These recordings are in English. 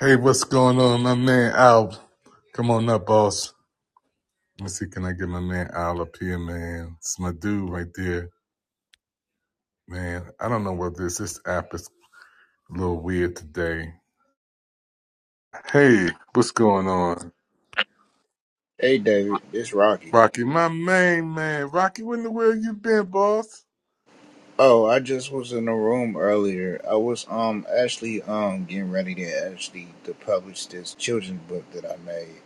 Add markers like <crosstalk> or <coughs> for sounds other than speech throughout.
Hey, what's going on, my man Al? Come on up, boss. Let me see, can I get my man Al up here, man? It's my dude right there, man. I don't know what this this app is a little weird today. Hey, what's going on, Hey David, it's Rocky. Rocky? My main man, Rocky. When the world you been, boss? Oh, I just was in the room earlier. I was um actually um getting ready to actually to publish this children's book that I made.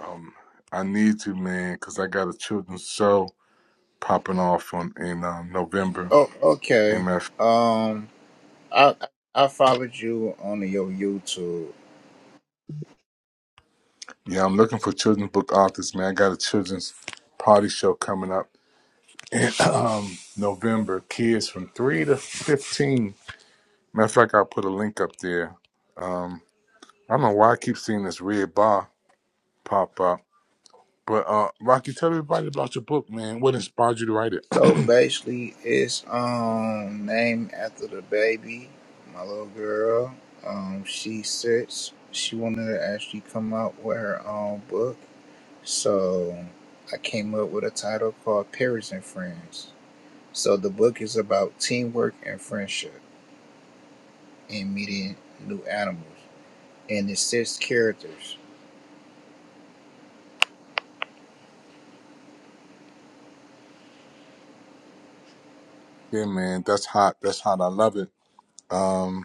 Um, I need to, man, cause I got a children's show popping off on in um, November. Oh, okay. MF. Um, I I followed you on your YouTube. Yeah, I'm looking for children's book authors, man. I got a children's party show coming up <coughs> in um, November, kids from 3 to 15. Matter of fact, I'll put a link up there. Um, I don't know why I keep seeing this red bar pop up. But uh, Rocky, tell everybody about your book, man. What inspired you to write it? <coughs> <clears throat> So basically, it's um named after the baby, my little girl. Um, she's six. She wanted to actually come out with her own book. So I came up with a title called Parents and Friends. So the book is about teamwork and friendship and meeting new animals, and it's six characters. Yeah, man, that's hot. That's hot. I love it. Um,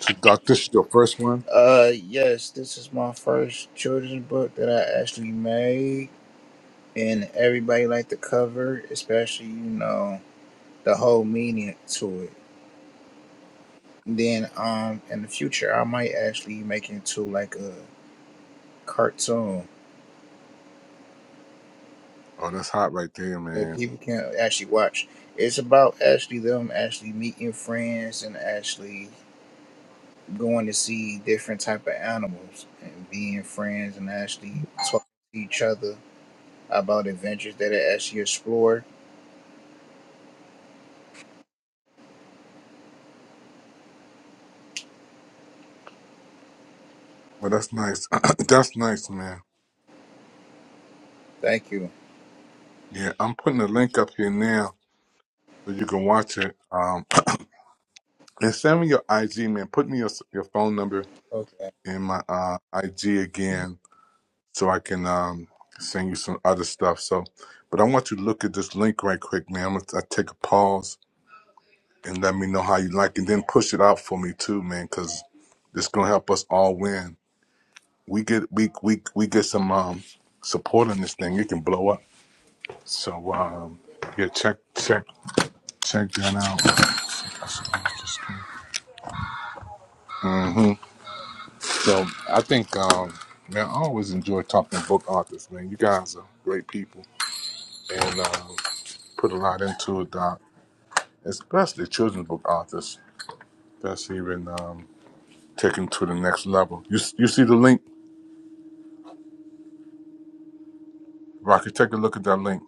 so, Doc, this is your first one? Uh, yes, this is my first children's book that I actually made, and everybody liked the cover, especially you know the whole meaning to it. Then, um, in the future, I might actually make it into like a cartoon Oh, that's hot right there, that man. people can actually watch. It's about actually them actually meeting friends and actually going to see different type of animals and being friends and actually talking to each other about adventures that are actually explored. Well, that's nice. <coughs> <clears throat> that's nice, man. Thank you. Yeah, I'm putting a link up here now so you can watch it. Um, <coughs> <clears throat> and send me your IG, man. Put me your, your phone number Okay. in my uh, IG again so I can um, send you some other stuff. So, but I want you to look at this link right quick, man. I'm gonna I take a pause and let me know how you like, and then push it out for me too, man, because this gonna help us all win. We get we we we get some um, support on this thing. It can blow up. So um, yeah, check check check that out. hmm So I think um, man, I always enjoy talking to book authors, man. You guys are great people. and um, put a lot into it, Doc. Especially children's book authors. That's even um, taken to the next level. You you see the link, Rocky? Take a look at that link.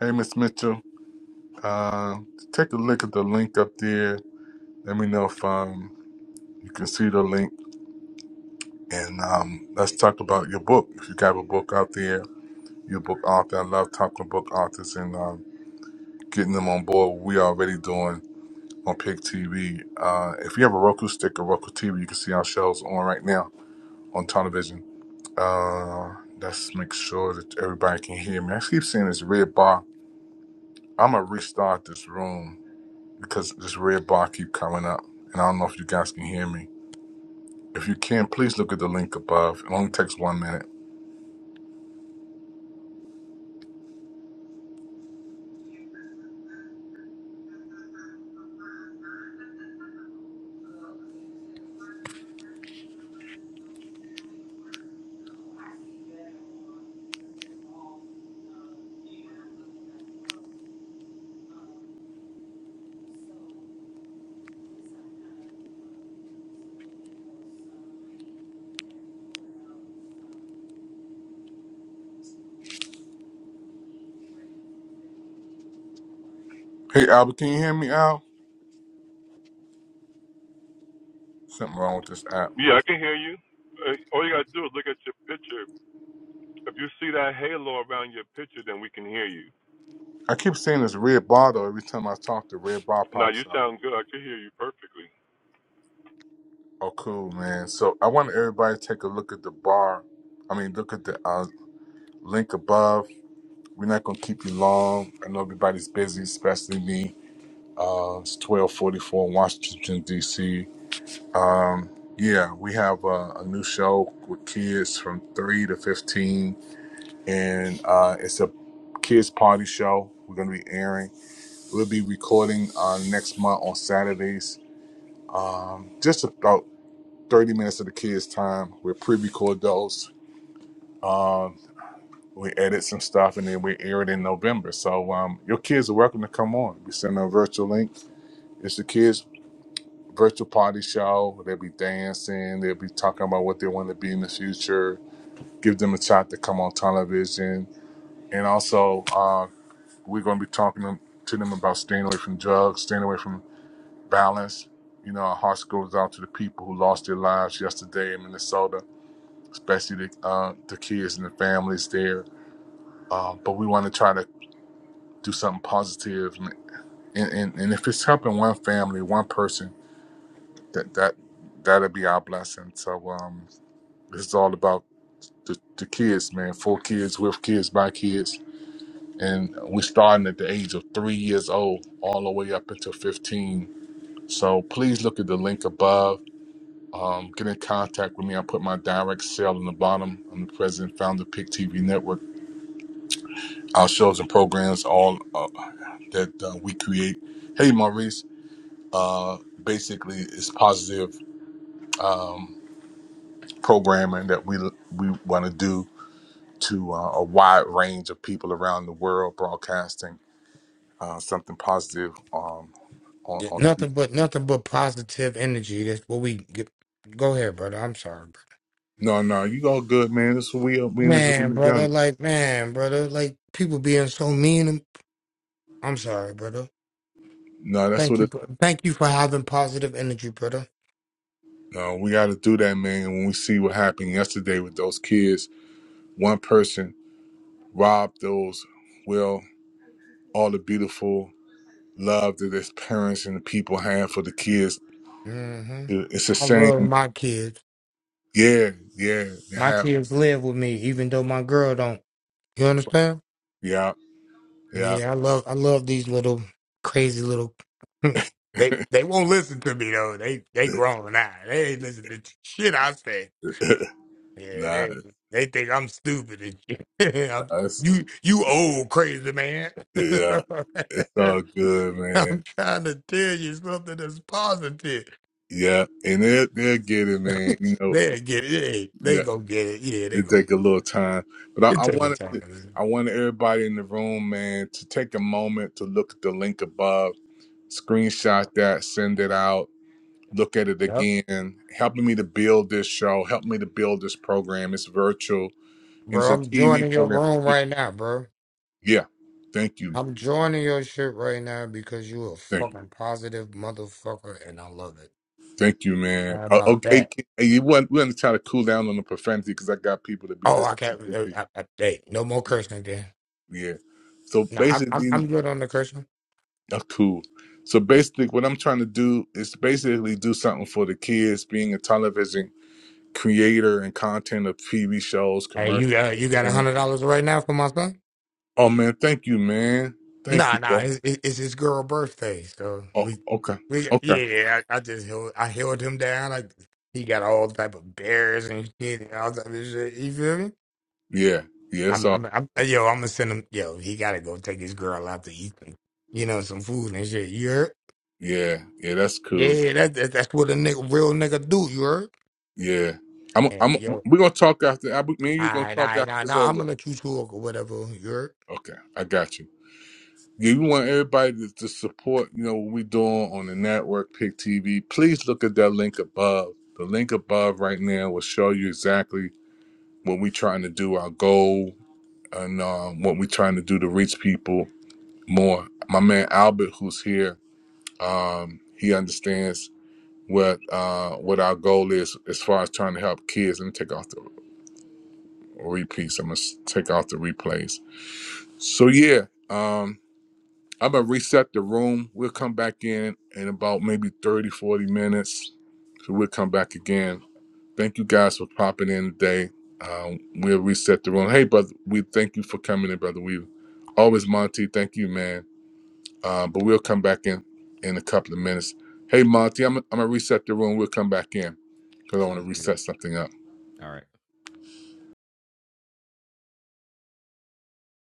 Hey, Miss Mitchell, uh, take a look at the link up there. Let me know if um, you can see the link, and um, let's talk about your book. If you got a book out there, your book author. I love talking to book authors and um, getting them on board. We already doing on Pig TV. Uh, if you have a Roku stick or Roku TV, you can see our shows on right now on television. Uh, let's make sure that everybody can hear me. I keep seeing this red bar. I'm gonna restart this room because this red bar keep coming up, and I don't know if you guys can hear me. If you can, please look at the link above. It only takes one minute. Hey, Albert, can you hear me, Al? Something wrong with this app. Yeah, I can hear you. Uh, All you gotta do is look at your picture. If you see that halo around your picture, then we can hear you. I keep seeing this red bar though. Every time I talk, the red bar Now you pops up. sound good. I can hear you perfectly. Oh, cool, man. So I want everybody to take a look at the bar. I mean, look at the uh, link above We're not gonna keep you long. I know everybody's busy, especially me. Uh, it's twelve forty four Washington D.C. Um, yeah, we have a, a new show with kids from three to fifteen, and uh, it's a kids party show. We're gonna be airing. We'll be recording uh, next month on Saturdays. Um, just about thirty minutes of the kids' time. We'll pre-record those. Um, we edit some stuff and then we air it in November. So um, your kids are welcome to come on. We send them a virtual link. It's the kids' virtual party show. They'll be dancing. They'll be talking about what they want to be in the future. Give them a shot to come on television. And also, uh, we're going to be talking to to them about staying away from drugs, staying away from violence. You know, our hearts goes out to the people who lost their lives yesterday in Minnesota, especially the, uh, the kids and the families there. Uh, but we want to try to do something positive and and, and if it's helping one family one person that that that'll be our blessing so um this is all about the, the kids man four kids with kids by kids and we're starting at the age of three years old all the way up until 15 so please look at the link above um, get in contact with me. I put my direct sale in the bottom. I'm the president and founder of Pick TV Network. Our shows and programs, all uh, that uh, we create. Hey, Maurice. uh, basically it's positive um, programming that we we want to do to uh, a wide range of people around the world, broadcasting uh, something positive um, on, Yeah, on. Nothing but nothing but positive energy. That's what we get. Go ahead, brother. I'm sorry, No, no, you all good, man. That's what we we bro. in this man, room together. brother. Like man, brother. Like people being so mean. and- I'm sorry, brother. No, that's Thank what. you. It, bro- Thank you for having positive energy, brother. no, we got to do that, man. When we see what happened yesterday with those kids, one person robbed those. Well, all the beautiful love that his parents and the people have for the kids. hmm It's a I shame, love my kids. Yeah, yeah, My yeah, kids live with me, even though my girl don't. You understand? yeah, yeah. Yeah, I love. I love these little crazy little. <laughs> they they won't listen to me though. They they grown now. They ain't listening to shit I say. <laughs> Yeah, nah, they they think I'm stupid and shit. <laughs> I'm, that's, you you old crazy man. <laughs> yeah, it's all good, man. I'm trying to tell you something that's positive. Yeah, and they'll, they'll get it, man. You know, They get it. They, they yeah, gonna get it. Yeah, they it gonna take a get little it. time, but It I, I takes a wanted to, time. I wanted everybody in the room, man, to take a moment to look at the link above, screenshot that, send it out, look at it Yep. again. Helping me to build this show, help me to build this program. It's virtual and it's Bro, a I'm TV joining your program. room right now, bro. Yeah, thank you, I'm joining your shit right now because you a thank you. fucking positive motherfucker, and I love it. Thank you, man. How Oh, about okay, that? K- hey, you want we want to try to cool down on the profanity because I got people that be Oh, I listening. to can't. uh, repeat. I, I, hey, no more cursing then. Yeah. Yeah. So No, I, I'm I'm basically, good on the cursing. that's cool. So basically, what I'm trying to do is basically do something for the kids, being a television creator and content of TV shows, Hey, commercials. you got you got a Man. hundred dollars right now for my son? Oh man, thank you, man. Thank Nah, you, nah, bro. it's it's it's his girl birthday, so Oh, we okay, we okay. yeah. I, I just held I held him down. Like he got all type of bears and shit and all type of shit. You feel me? Yeah, yeah. It's I'm all. I'm, I'm hey, yo. I'm gonna send him. Yo, he gotta go take his girl out to eat. And, you know, some food and shit. You heard? Yeah, yeah. That's Yeah, cool. yeah, that, that that's what a nigga real nigga do. You heard? Yeah. I'm. And I'm. yo, all We're gonna talk after. I, me and you gonna right, all talk after right, nah, this nah. over. I'm gonna let you talk or whatever. You heard? Okay, I got you. Yeah, You want everybody to, to support, you know, what we're doing on the network, Pick TV. Please look at that link above. The link above right now will show you exactly what we're trying to do, our goal, and um, what we're trying to do to reach people more. My man Albert, who's here, um, he understands what uh, what our goal is as far as trying to help kids. Let me take off the repeats. I'm gonna s- take off the replays. So yeah, um, I'm gonna reset the room. We'll come back in in about maybe 30, 40 minutes. So we'll come back again. Thank you guys for popping in today. Um, we'll reset the room. Hey, brother, we thank you for coming in, brother. We always Monty. Thank you, man. Uh, but we'll come back in in a couple of minutes. Hey, Monty, I'm I'm gonna reset the room. We'll come back in because I want to Sounds good. reset something up. All right.